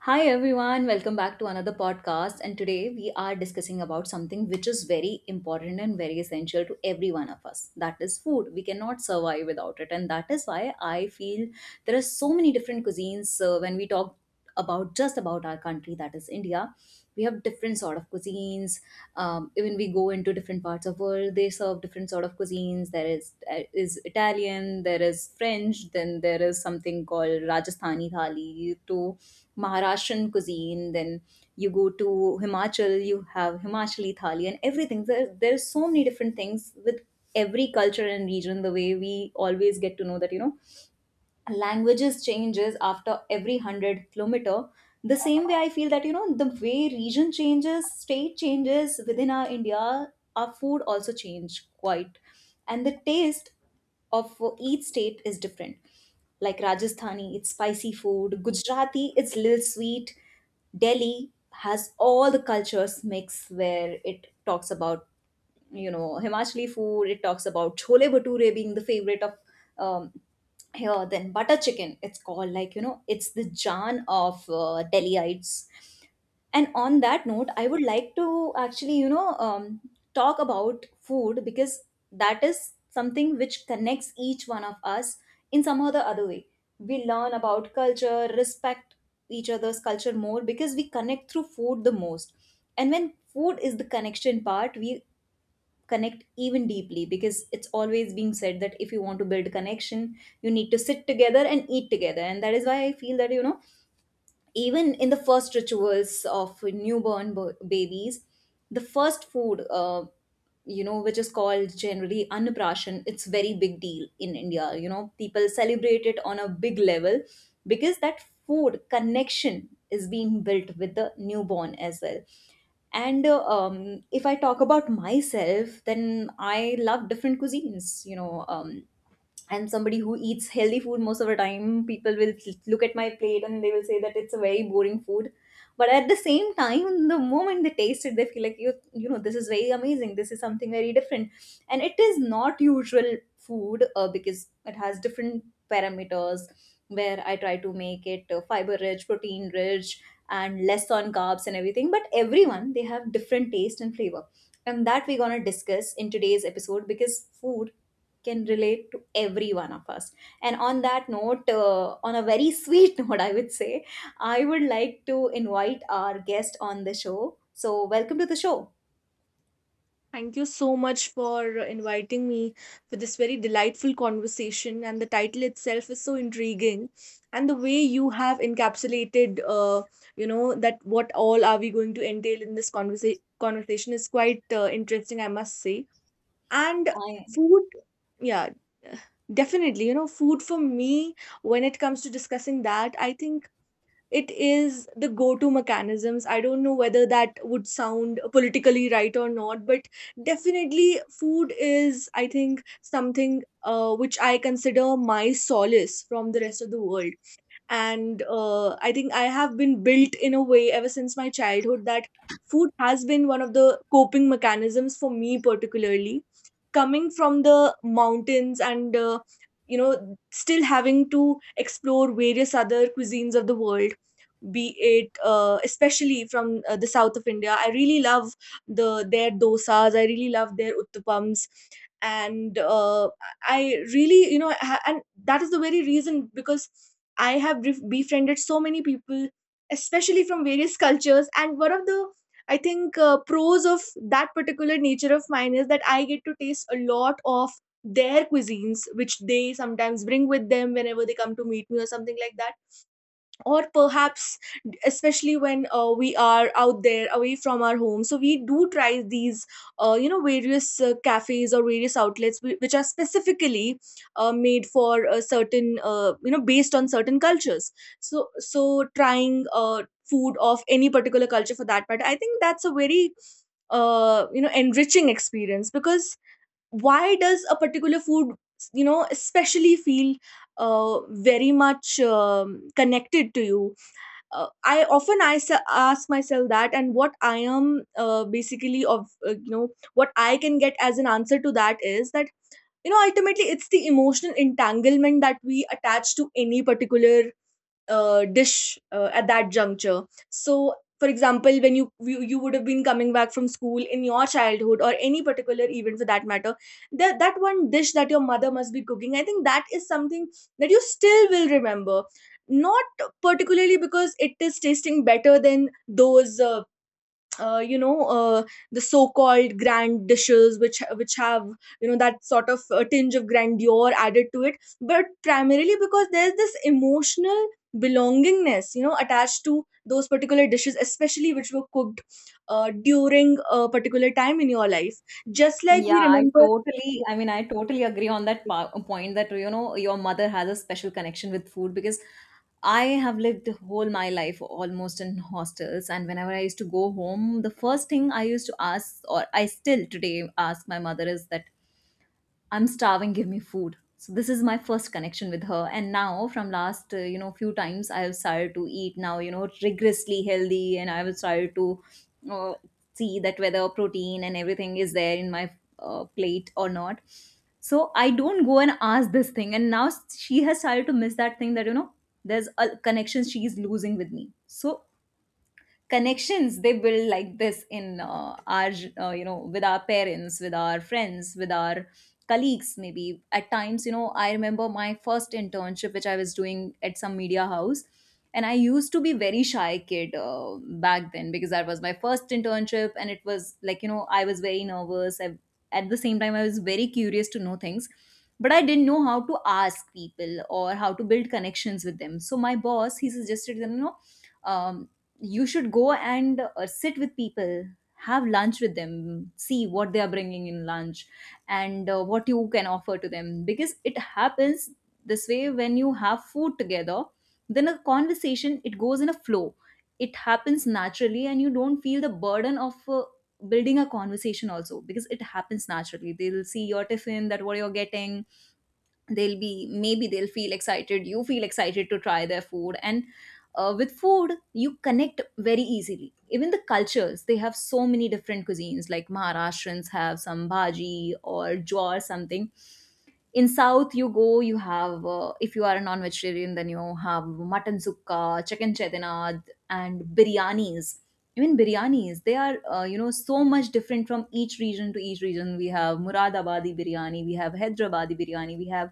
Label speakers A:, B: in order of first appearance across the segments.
A: Hi everyone, welcome back to another podcast. And today we are discussing about something which is very important and very essential to every one of us. That is food. We cannot survive without it. And that is why I feel there are so many different cuisines when we talk about just about our country, that is India. We have different sort of cuisines. Even we go into been to different parts of world, they serve different sort of cuisines. There is Italian, there is French, then there is something called Rajasthani thali to Maharashtrian cuisine, then you go to Himachal, you have Himachali thali and everything. There there's so many different things with every culture and region. The way we always get to know that you know, languages changes after every 100 kilometer. The same way I feel that you know, the way region changes, state changes within our India, our food also change quite, and the taste of each state is different, like Rajasthani, it's spicy food. Gujarati, it's little sweet. Delhi has all the cultures mix, where it talks about you know, Himachali food. It talks about chole bhature being the favorite of um, here. Then butter chicken. It's called like you know, it's the Jan of Delhiites. And on that note, I would like to actually you know, talk about food, because that is something which connects each one of us in some or the other way. We learn about culture, respect each other's culture more because we connect through food the most, and when food is the connection part, we connect even deeply, because it's always being said that if you want to build connection, you need to sit together and eat together. And that is why I feel that you know, even in the first rituals of newborn babies, the first food you know, which is called generally annaprashan, it's very big deal in India. You know, people celebrate it on a big level, because that food connection is being built with the newborn as well. And if I talk about myself, then I love different cuisines, you know. I'm somebody who eats healthy food most of the time. People will look at my plate and they will say that it's a very boring food. But at the same time, the moment they taste it, they feel like you know, this is very amazing. This is something very different, and it is not usual food, because it has different parameters, where I try to make it fiber rich, protein rich, and less on carbs and everything. But everyone, they have different taste and flavor, and that we're gonna discuss in today's episode, because food can relate to every one of us. And on that note, on a very sweet note, I would say, I would like to invite our guest on the show. So, welcome to the show.
B: Thank you so much for inviting me for this very delightful conversation. And the title itself is so intriguing, and the way you have encapsulated, you know, that what all are we going to entail in this conversation is quite interesting, I must say. And
A: I
B: food, yeah, definitely. You know, food for me, when it comes to discussing that, I think it is the go-to mechanisms. I don't know whether that would sound politically right or not, but definitely food is, I think, something which I consider my solace from the rest of the world. And I think I have been built in a way ever since my childhood that food has been one of the coping mechanisms for me, particularly coming from the mountains. And still having to explore various other cuisines of the world, be it especially from the south of India, I really love their dosas, I really love their uttapams. And I really you know ha- and that is the very reason, because I have befriended so many people, especially from various cultures. And one of the, I think, pros of that particular nature of mine is that I get to taste a lot of their cuisines, which they sometimes bring with them whenever they come to meet me or something like that, or perhaps especially when we are out there away from our home. So we do try these various cafes or various outlets which are specifically made for a certain, based on certain cultures. So trying food of any particular culture, for that matter, I think that's a very enriching experience. Because why does a particular food, you know, especially feel very much connected to you? I often ask myself that, and what I am basically of you know what I can get as an answer to that is that, you know, ultimately it's the emotional entanglement that we attach to any particular dish at that juncture. So, for example, when you would have been coming back from school in your childhood, or any particular event for that matter, that one dish that your mother must be cooking, I think that is something that you still will remember. Not particularly because it is tasting better than those you know the so-called grand dishes, which have, you know, that sort of tinge of grandeur added to it, but primarily because there's this emotional belongingness, you know, attached to those particular dishes, especially which were cooked during a particular time in your life, just like
A: yeah,
B: we
A: I
B: remember.
A: totally, I totally agree on that point that, you know, your mother has a special connection with food, because I have lived whole my life almost in hostels, and whenever I used to go home, the first thing I used to ask, or I still today ask my mother, is that I'm starving, give me food. So this is my first connection with her. And now from last, you know, few times I have started to eat now, you know, rigorously healthy, and I have started to uh, see that whether protein and everything is there in my plate or not. So I don't go and ask this thing. And now she has started to miss that thing, that, you know, there's a connection she is losing with me. So connections, they build like this in our you know, with our parents, with our friends, with our colleagues, maybe at times, you know, I remember my first internship, which I was doing at some media house, and I used to be very shy kid back then, because that was my first internship, and it was like you know, I was very nervous. I, at the same time, I was very curious to know things, but I didn't know how to ask people or how to build connections with them. So my boss, he suggested them, you know, um, you should go and sit with people, have lunch with them, see what they are bringing in lunch, and what you can offer to them, because it happens this way. When you have food together, then a conversation, it goes in a flow. It happens naturally, and you don't feel the burden of building a conversation also, because it happens naturally. They'll see your tiffin, that what you're getting. They'll be, maybe they'll feel excited, you feel excited to try their food, and with food you connect very easily. Even the cultures, they have so many different cuisines, like Maharashtrians have some bhaji or jaw or something. In south you go, you have, if you are a non-vegetarian, then you have mutton sukka, chicken chetinad, and biryanis. Even biryanis, they are you know, so much different from each region to each region. We have Muradabadi biryani, we have Hyderabadi biryani, we have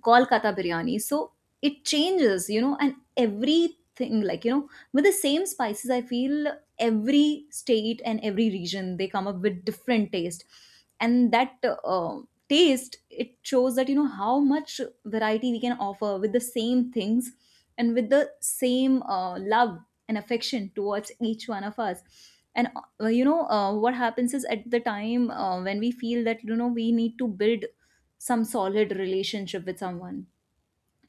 A: Kolkata biryani. So it changes, you know, and everything, like, you know, with the same spices, I feel every state and every region, they come up with different taste. And that taste, it shows that, you know, how much variety we can offer with the same things and with the same love and affection towards each one of us. And you know, what happens is, at the time when we feel that you know, we need to build some solid relationship with someone,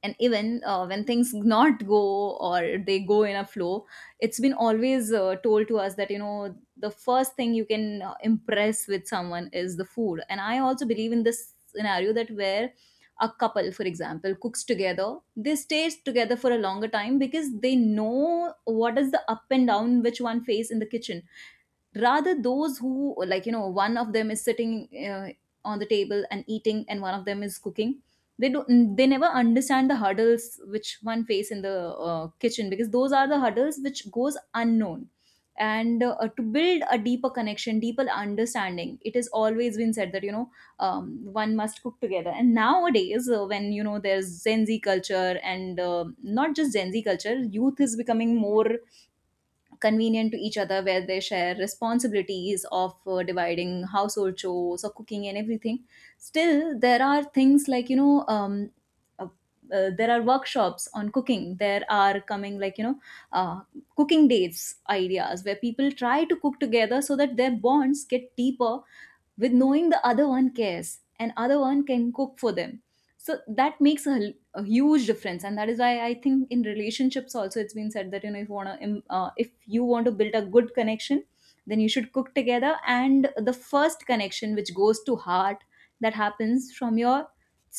A: and even when things not go or they go in a flow, it's been always told to us that you know, the first thing you can impress with someone is the food. And I also believe in this scenario, that where a couple, for example, cooks together, they stay together for a longer time, because they know what is the up and down which one face in the kitchen. Rather those who, like, you know, one of them is sitting on the table and eating, and one of them is cooking, they do, they never understand the hurdles which one face in the kitchen, because those are the hurdles which goes unknown. And to build a deeper connection, deeper understanding, it has always been said that you know, one must cook together. And nowadays, when you know, there's gen Z culture, and not just gen Z culture, youth is becoming more convenient to each other, where they share responsibilities of dividing household chores or cooking and everything. Still there are things like you know, uh, there are workshops on cooking, there are coming like you know, uh, cooking dates ideas, where people try to cook together so that their bonds get deeper, with knowing the other one cares and other one can cook for them. So that makes a huge difference, and that is why I think in relationships also, it's been said that you know, if you want to if you want to build a good connection, then you should cook together. And the first connection which goes to heart, that happens from your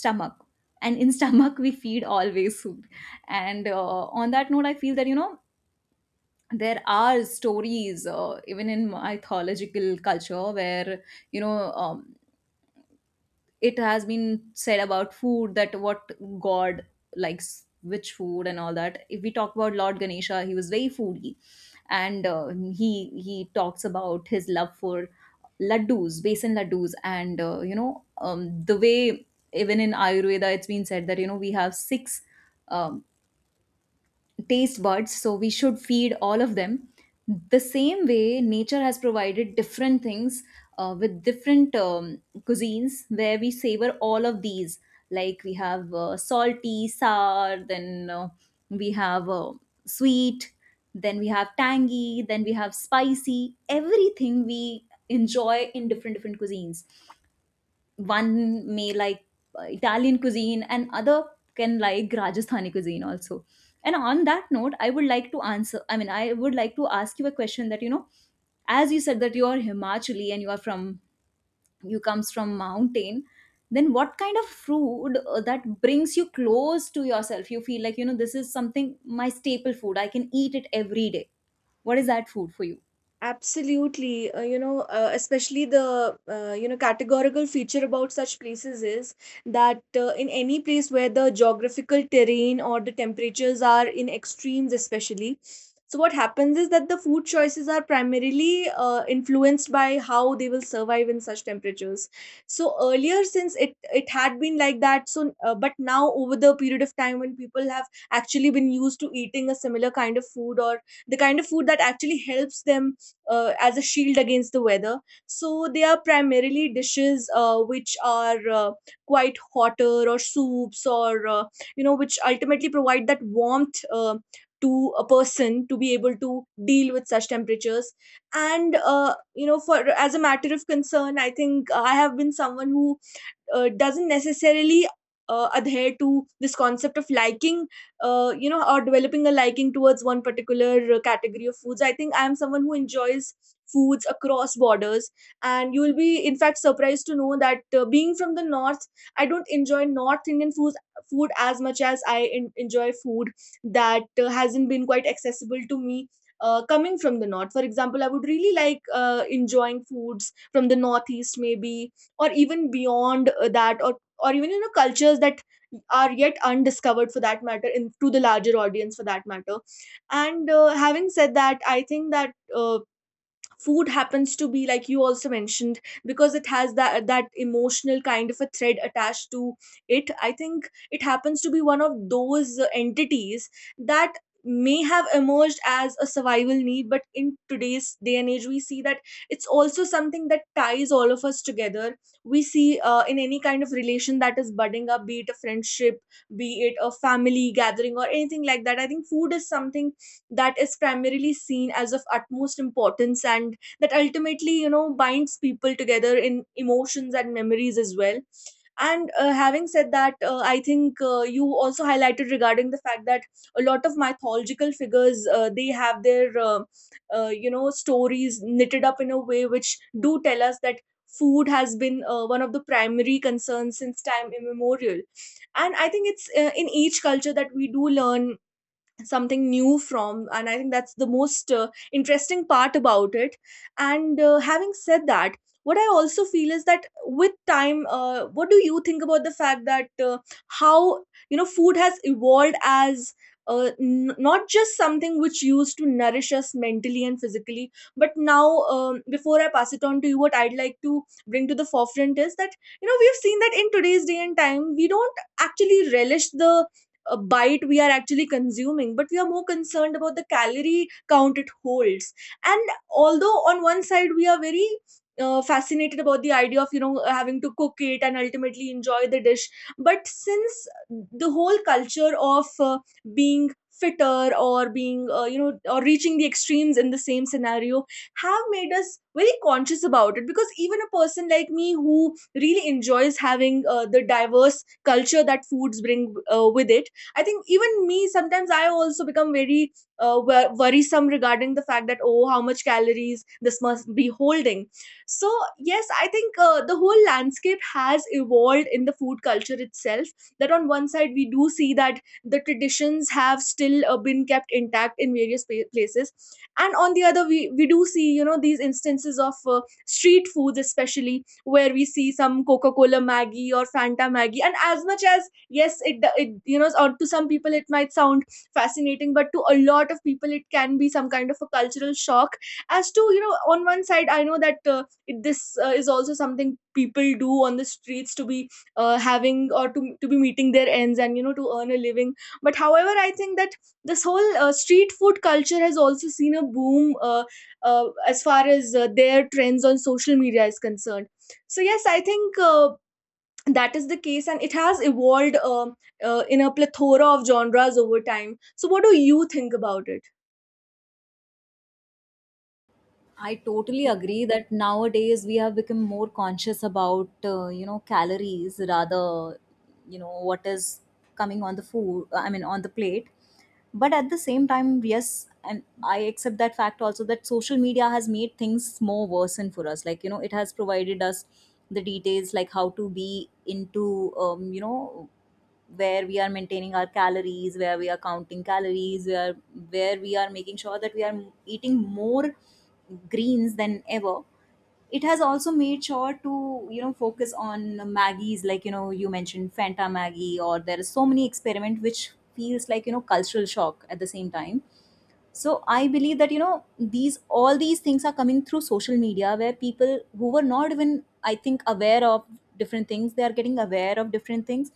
A: stomach, and in stomach we feed always food. And on that note, I feel that you know, there are stories even in mythological culture, where you know, um, it has been said about food, that what god likes, which food and all that. If we talk about lord Ganesha, he was very foodie, and he talks about his love for laddus, besan laddus. And you know, the way even in ayurveda, it's been said that you know, we have six um, taste buds, so we should feed all of them. The same way, nature has provided different things with different cuisines, where we savor all of these. Like we have salty, sour, then we have sweet, then we have tangy, then we have spicy, everything we enjoy in different different cuisines. One may like Italian cuisine, and other can like Rajasthani cuisine also. And on that note, I would like to answer. I mean, I would like to ask you a question, that you know, as you said that you are Himachali and you are from, you comes from mountain, then what kind of food that brings you close to yourself? You feel like you know, this is something my staple food, I can eat it every day. What is that food for you?
B: Absolutely. Especially the, categorical feature about such places is that, in any place where the geographical terrain or the temperatures are in extremes, especially. So, what happens is that the food choices are primarily influenced by how they will survive in such temperatures. So, earlier, since it had been like that, so but now, over the period of time, when people have actually been used to eating a similar kind of food, or the kind of food that actually helps them as a shield against the weather. So they are primarily dishes which are quite hotter, or soups, or which ultimately provide that warmth to a person to be able to deal with such temperatures. And for as a matter of concern, I think I have been someone who doesn't necessarily adhere to this concept of liking, or developing a liking towards one particular category of foods. I think I am someone who enjoys foods across borders, and you will, be in fact, surprised to know that, being from the north, I don't enjoy North Indian foods food as much as I enjoy food that hasn't been quite accessible to me. Coming from the north, for example, I would really like enjoying foods from the northeast, maybe, or even beyond that, or even, you know, cultures that are yet undiscovered for that matter, in to the larger audience for that matter. And having said that, I think that food happens to be, like you also mentioned, because it has that emotional kind of a thread attached to it. I think it happens to be one of those entities that may have emerged as a survival need, but in today's day and age, we see that it's also something that ties all of us together. We see, in any kind of relation that is budding up, be it a friendship, be it a family gathering, or anything like that, I think food is something that is primarily seen as of utmost importance, and that ultimately, you know, binds people together in emotions and memories as well. And having said that, I think, you also highlighted regarding the fact that a lot of mythological figures, they have their stories knitted up in a way which do tell us that food has been one of the primary concerns since time immemorial. And I think it's in each culture that we do learn something new from, and I think that's the most interesting part about it. And having said that, what I also feel is that with time, what do you think about the fact that how, you know, food has evolved as not just something which used to nourish us mentally and physically, but now, before I pass it on to you, what I'd like to bring to the forefront is that, you know, we've seen that in today's day and time we don't actually relish the a bite we are actually consuming, but we are more concerned about the calorie count it holds. And although on one side we are very fascinated about the idea of, you know, having to cook it and ultimately enjoy the dish, but since the whole culture of being fitter, or being, or reaching the extremes in the same scenario, have made us very conscious about it. Because even a person like me, who really enjoys having the diverse culture that foods bring with it, I think even me, sometimes I also become very worrisome regarding the fact that, oh, how much calories this must be holding. So yes, I think the whole landscape has evolved in the food culture itself, that on one side we do see that the traditions have still been kept intact in various places, and on the other we do see, you know, these instances of street foods, especially, where we see some coca-cola maggie or fanta maggie. And as much as, yes, it, you know, or to some people it might sound fascinating, but to a lot of people it can be some kind of a cultural shock. As to, you know, on one side I know that, this is also something people do on the streets to be having, or to be meeting their ends, and you know, to earn a living. But however, I think that this whole street food culture has also seen a boom, as far as their trends on social media is concerned. So yes, I think that is the case, and it has evolved in a plethora of genres over time. So what do you think about it?
A: I totally agree that nowadays we have become more conscious about you know, calories rather you know what is coming on the food, I mean on the plate. But at the same time, yes, and I accept that fact also, that social media has made things more worsen for us. Like you know, it has provided us the details like how to be into, you know, where we are maintaining our calories, where we are counting calories, where we are making sure that we are eating more greens than ever. It has also made sure to, you know, focus on maggies, like you know, you mentioned fanta maggie, or there are so many experiment which feels like, you know, cultural shock at the same time. So I believe that, you know, these, all these things are coming through social media where people who were not even, I think, aware of different things, they are getting aware of different things,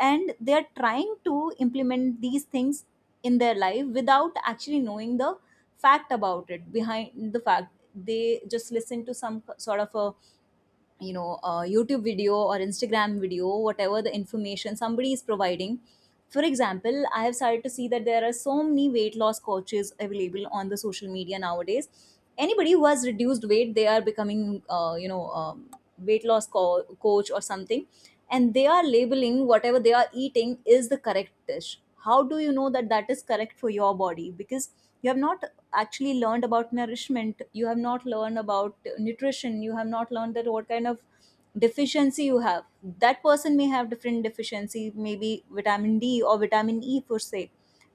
A: and they are trying to implement these things in their life without actually knowing the fact about it. Behind the fact, they just listen to some sort of a, you know, a youtube video or instagram video, whatever the information somebody is providing. For example, I have started to see that there are so many weight loss coaches available on the social media nowadays. Anybody who has reduced weight, they are becoming you know, weight loss coach or something, and they are labeling whatever they are eating is the correct dish. How do you know that that is correct for your body? Because you have not actually learned about nourishment, you have not learned about nutrition, you have not learned that what kind of deficiency you have. That person may have different deficiency, maybe vitamin d or vitamin e per se,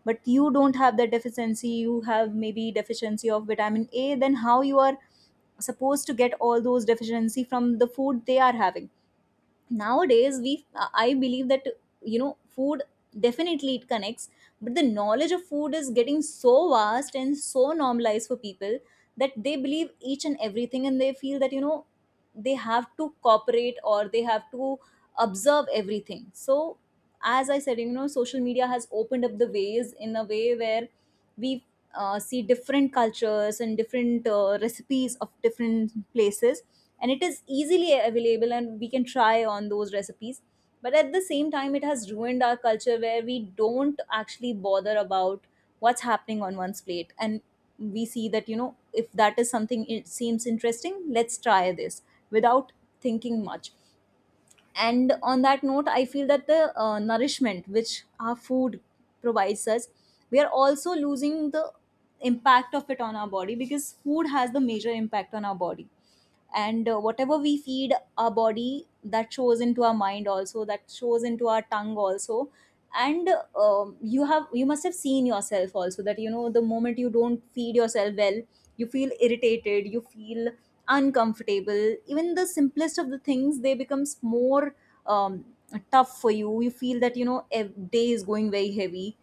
A: but you don't have that deficiency. You have maybe deficiency of vitamin a. Then how you are supposed to get all those deficiency from the food they are having? Nowadays we, I believe that, you know, food, definitely it connects, but the knowledge of food is getting so vast and so normalized for people that they believe each and everything, and they feel that, you know, they have to cooperate or they have to observe everything. So as I said, you know, social media has opened up the ways in a way where we, see different cultures and different recipes of different places, and it is easily available and we can try on those recipes. But at the same time, it has ruined our culture where we don't actually bother about what's happening on one's plate. And we see that, you know, if that is something, it seems interesting, let's try this without thinking much. And on that note, I feel that the nourishment which our food provides us, we are also losing the impact of it on our body, because food has the major impact on our body. And whatever we feed our body, that shows into our mind also, that shows into our tongue also. And You have, you must have seen yourself also that, you know, the moment you don't feed yourself well, you feel irritated, you feel uncomfortable. Even the simplest of the things, they becomes more, um, tough for you. You feel that, you know, day is going very heavy.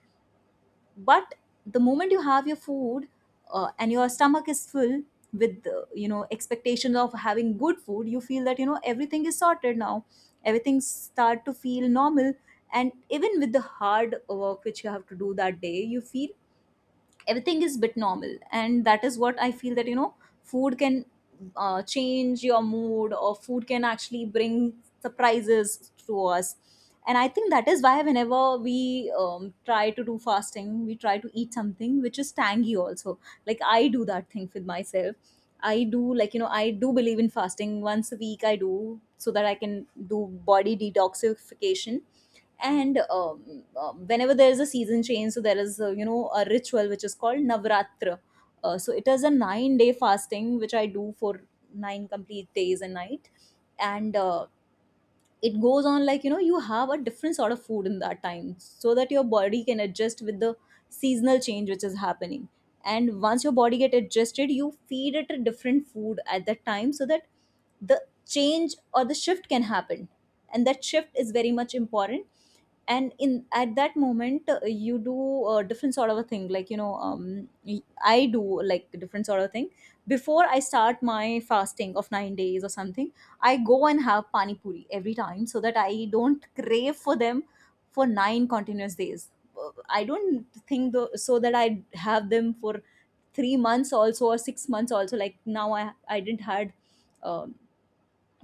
A: But the moment you have your food, and your stomach is full with, you know, expectations of having good food, you feel that, you know, everything is sorted now. Everything start to feel normal. And even with the hard work which you have to do that day, you feel everything is bit normal. And that is what I feel, that you know, food can, change your mood, or food can actually bring surprises to us. And I think that is why, whenever we, try to do fasting, we try to eat something which is tangy also. Like I do that thing with myself. I do, like you know, I do believe in fasting once a week I do, so that I can do body detoxification. And whenever there is a season change, so there is a, you know, a ritual which is called navratra. So it is a 9-day fasting which I do for 9 complete days and night. And it goes on like, you know, you have a different sort of food in that time so that your body can adjust with the seasonal change which is happening. And once your body get adjusted, you feed it a different food at that time, so that the change or the shift can happen. And that shift is very much important. And in at that moment, you do a different sort of a thing. Like you know, I do like a different sort of thing. Before I start my fasting of 9 days or something, I go and have pani puri every time, so that I don't crave for them for 9 continuous days. Uh, I don't think though, so that I have them for 3 months also or 6 months also. Like now I, I didn't had um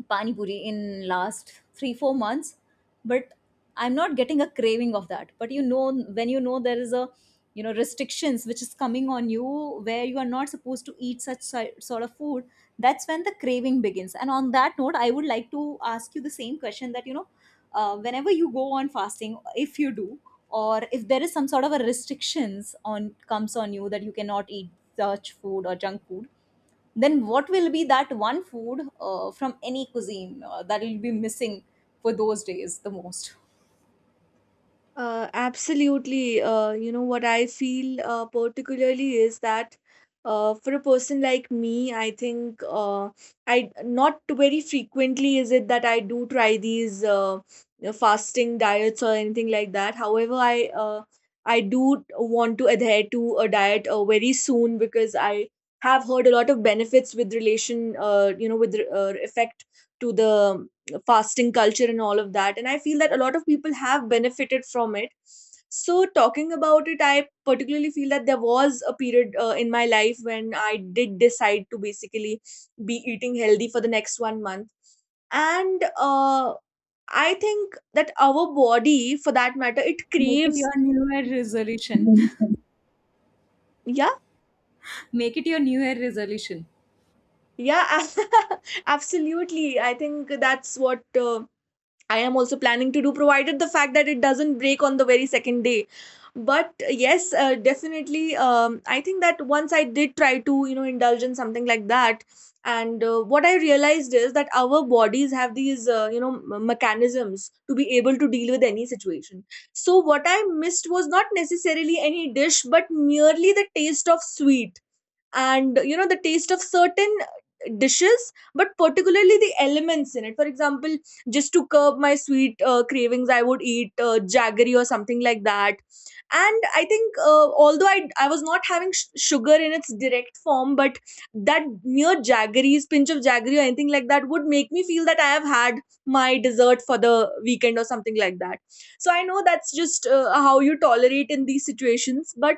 A: pani puri in last 3 4 months. But I'm not getting a craving of that. But you know, when you know there is a, you know, restrictions which is coming on you, where you are not supposed to eat such sort of food, that's when the craving begins. And on that note, I would like to ask you the same question, that you know, whenever you go on fasting, if you do, or if there is some sort of a restrictions on comes on you that you cannot eat such food or junk food, then what will be that one food from any cuisine that will be missing for those days the most?
B: Absolutely. What I feel particularly is that, for a person like me, I think, I not very frequently is it that I do try these, fasting diets or anything like that. However, I do want to adhere to a diet very soon, because I have heard a lot of benefits with relation, effect to the fasting culture and all of that. And I feel that a lot of people have benefited from it. So, talking about it, I particularly feel that there was a period in my life when I did decide to basically be eating healthy for the next one month. And I think that our body, for that matter, it
A: Make it
B: craves.
A: your New Year resolution.
B: Yeah,
A: Make it your New Year resolution.
B: yeah, absolutely. I think that's what. I am also planning to do, provided the fact that it doesn't break on the very second day. But yes, definitely, I think that once I did try to, you know, indulge in something like that, and what I realized is that our bodies have these mechanisms to be able to deal with any situation. So what I missed was not necessarily any dish, but merely the taste of sweet, and you know the taste of certain dishes, but particularly the elements in it. For example, just to curb my sweet cravings, I would eat jaggery or something like that. And I think although I was not having sugar in its direct form, but that mere jaggeries, pinch of jaggery or anything like that would make me feel that I have had my dessert for the weekend or something like that. So I know that's just how you tolerate in these situations. but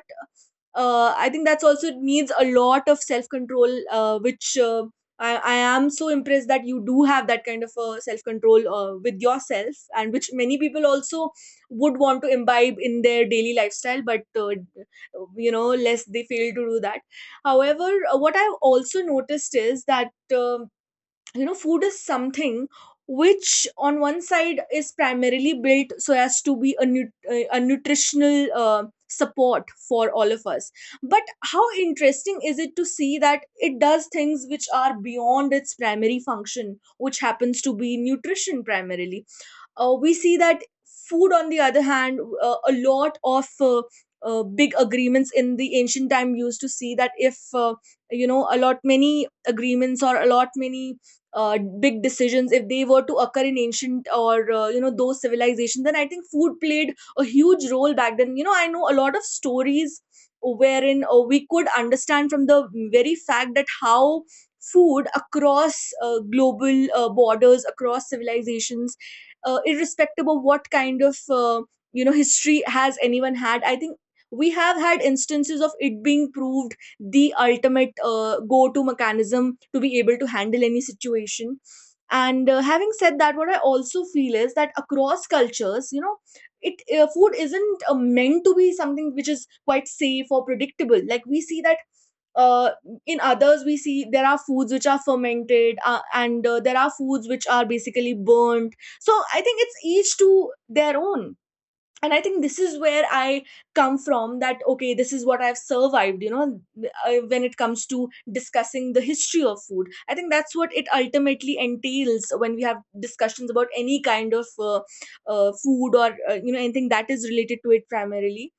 B: uh, I think that's also needs a lot of self control, which I am so impressed that you do have that kind of self control with yourself, and which many people also would want to imbibe in their daily lifestyle, but you know, less they fail to do that. However, what I've also noticed is that. um you know, food is something which, on one side, is primarily built so as to be a nutritional support for all of us. But how interesting is it to see that it does things which are beyond its primary function, which happens to be nutrition primarily. We see that food, on the other hand, a lot of big agreements in the ancient time used to see that if you know, a lot many agreements or a lot many big decisions, if they were to occur in ancient or you know, those civilizations, then I think food played a huge role back then. You know, I know a lot of stories wherein we could understand from the very fact that how food across global borders, across civilizations, irrespective of what kind of you know, history has anyone had, I think we have had instances of it being proved the ultimate go to mechanism to be able to handle any situation. And having said that, what I also feel is that across cultures, you know, it food isn't meant to be something which is quite safe or predictable. Like, we see that uh, in others, we see there are foods which are fermented, and there are foods which are basically burnt. So I think it's each to their own. And I think this is where I come from, that okay, this is what I've survived, you know. When it comes to discussing the history of food, I think that's what it ultimately entails when we have discussions about any kind of food or you know, anything that is related to it primarily.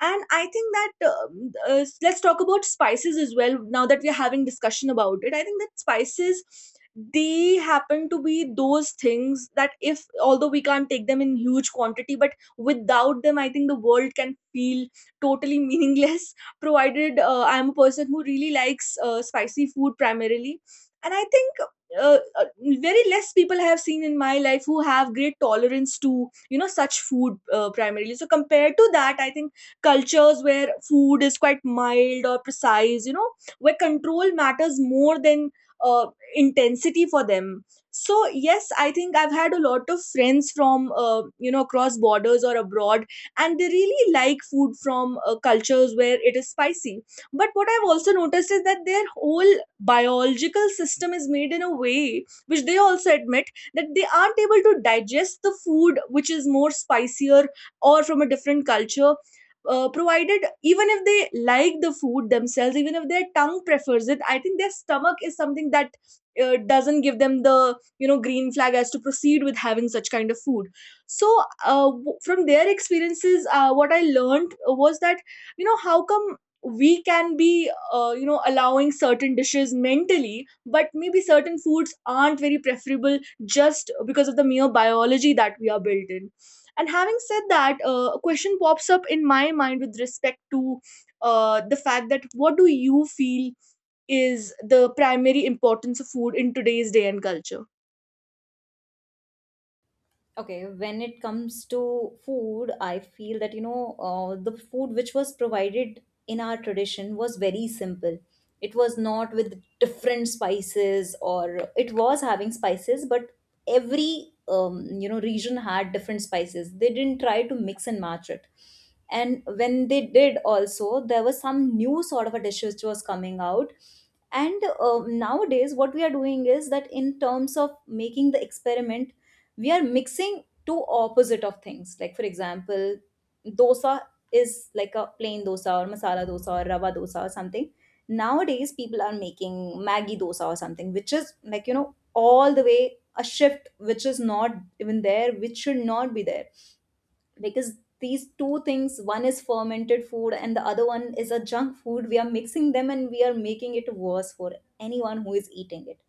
B: And I think that let's talk about spices as well, now that we're having discussion about it. I think that spices, they happen to be those things that if, although we can't take them in huge quantity, but without them I think the world can feel totally meaningless provided I'm a person who really likes spicy food primarily. And I think uh, uh, very less people I have seen in my life who have great tolerance to, you know, such food, primarily. So compared to that, I think cultures where food is quite mild or precise, you know, where control matters more than uh, intensity for them. So yes, I think I've had a lot of friends from you know, across borders or abroad, and they really like food from cultures where it is spicy. But what I've also noticed is that their whole biological system is made in a way which they also admit that they aren't able to digest the food which is more spicier or from a different culture. Provided even if they like the food themselves, even if their tongue prefers it, I think their stomach is something that doesn't give them the, you know, green flag as to proceed with having such kind of food. So uh, from their experiences, what I learned was that, you know, how come we can be you know, allowing certain dishes mentally, but maybe certain foods aren't very preferable just because of the mere biology that we are built in. And having said that, a question pops up in my mind with respect to the fact that what do you feel is the primary importance of food in today's day and culture?
A: Okay, when it comes to food, I feel that, you know, the food which was provided in our tradition was very simple. It was not with different spices, or it was having spices, but every, you know, region had different spices. They didn't try to mix and match it. And when they did also, there was some new sort of a dish which was coming out. And nowadays what we are doing is that, in terms of making the experiment, we are mixing two opposite of things. Like for example, dosa is like a plain dosa or masala dosa or rava dosa or something. Nowadays people are making maggi dosa or something, which is like, you know, all the way a shift which is not even there, which should not be there, because these two things, one is fermented food and the other one is a junk food. We are mixing them and we are making it worse for anyone who is eating it.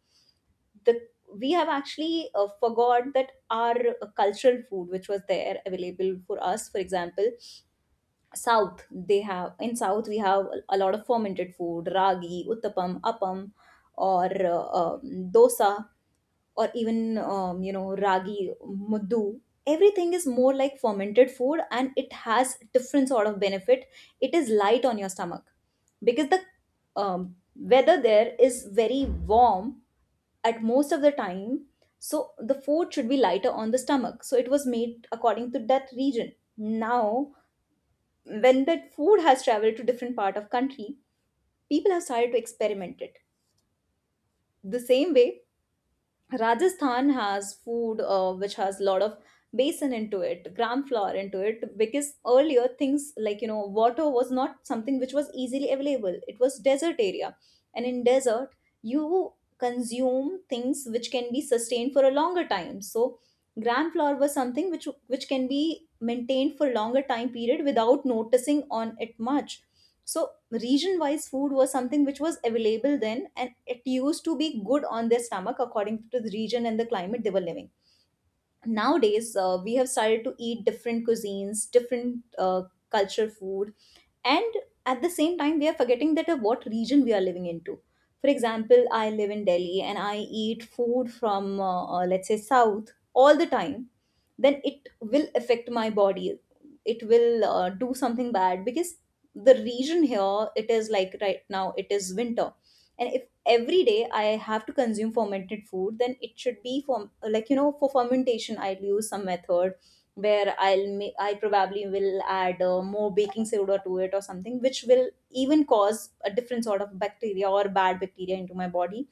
A: The, we have actually forgot that our cultural food which was there available for us. For example, south, they have, in south we have a lot of fermented food, ragi, uttapam, appam, or uh, um, dosa, or even, you know, ragi muddu. Everything is more like fermented food, and it has different sort of benefit. It is light on your stomach, because the, um, weather there is very warm at most of the time. So the food should be lighter on the stomach. So it was made according to that region. Now, when that food has traveled to different part of country, people have started to experiment it. The same way, Rajasthan has food which has a lot of basin into it, gram flour into it, because earlier things like, you know, water was not something which was easily available. It was desert area, and in desert you consume things which can be sustained for a longer time. So gram flour was something which, can be maintained for longer time period without noticing on it much. So region wise food was something which was available then, and it used to be good on their stomach according to the region and the climate they were living. Nowadays, we have started to eat different cuisines, different culture food. And at the same time, we are forgetting that of what region we are living into. For example, I live in delhi and I eat food from, let's say south, all the time. Then it will affect my body. It will do something bad, because the region here, it is like right now it is winter. And if every day I have to consume fermented food, then it should be for, like you know, for fermentation I'll use some method where I'll make, I probably will add more baking soda to it or something, which will even cause a different sort of bacteria or bad bacteria into my body,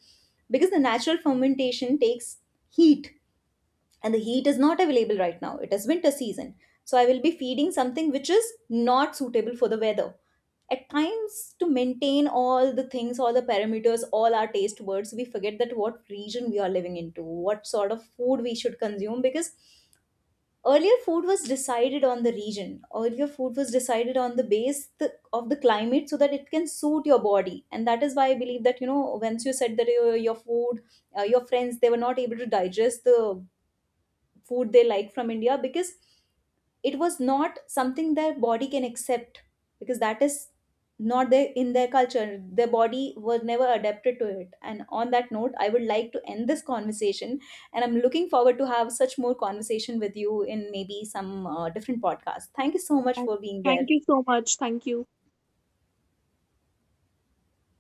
A: because the natural fermentation takes heat, and the heat is not available right now. It is winter season. So I will be feeding something which is not suitable for the weather. At times, to maintain all the things, all the parameters, all our taste buds, we forget that what region we are living into, what sort of food we should consume. Because earlier food was decided on the region, earlier food was decided on the base of the climate, so that it can suit your body. And that is why I believe that, you know, once you said that your food, your friends, they were not able to digest the food they like from India, because it was not something their body can accept, because that is not there in their culture. Their body was never adapted to it. And on that note, I would like to end this conversation. And I'm looking forward to have such more conversation with you in maybe some different podcast. Thank you so much
B: And
A: for being
B: thank
A: there.
B: you so much. Thank you.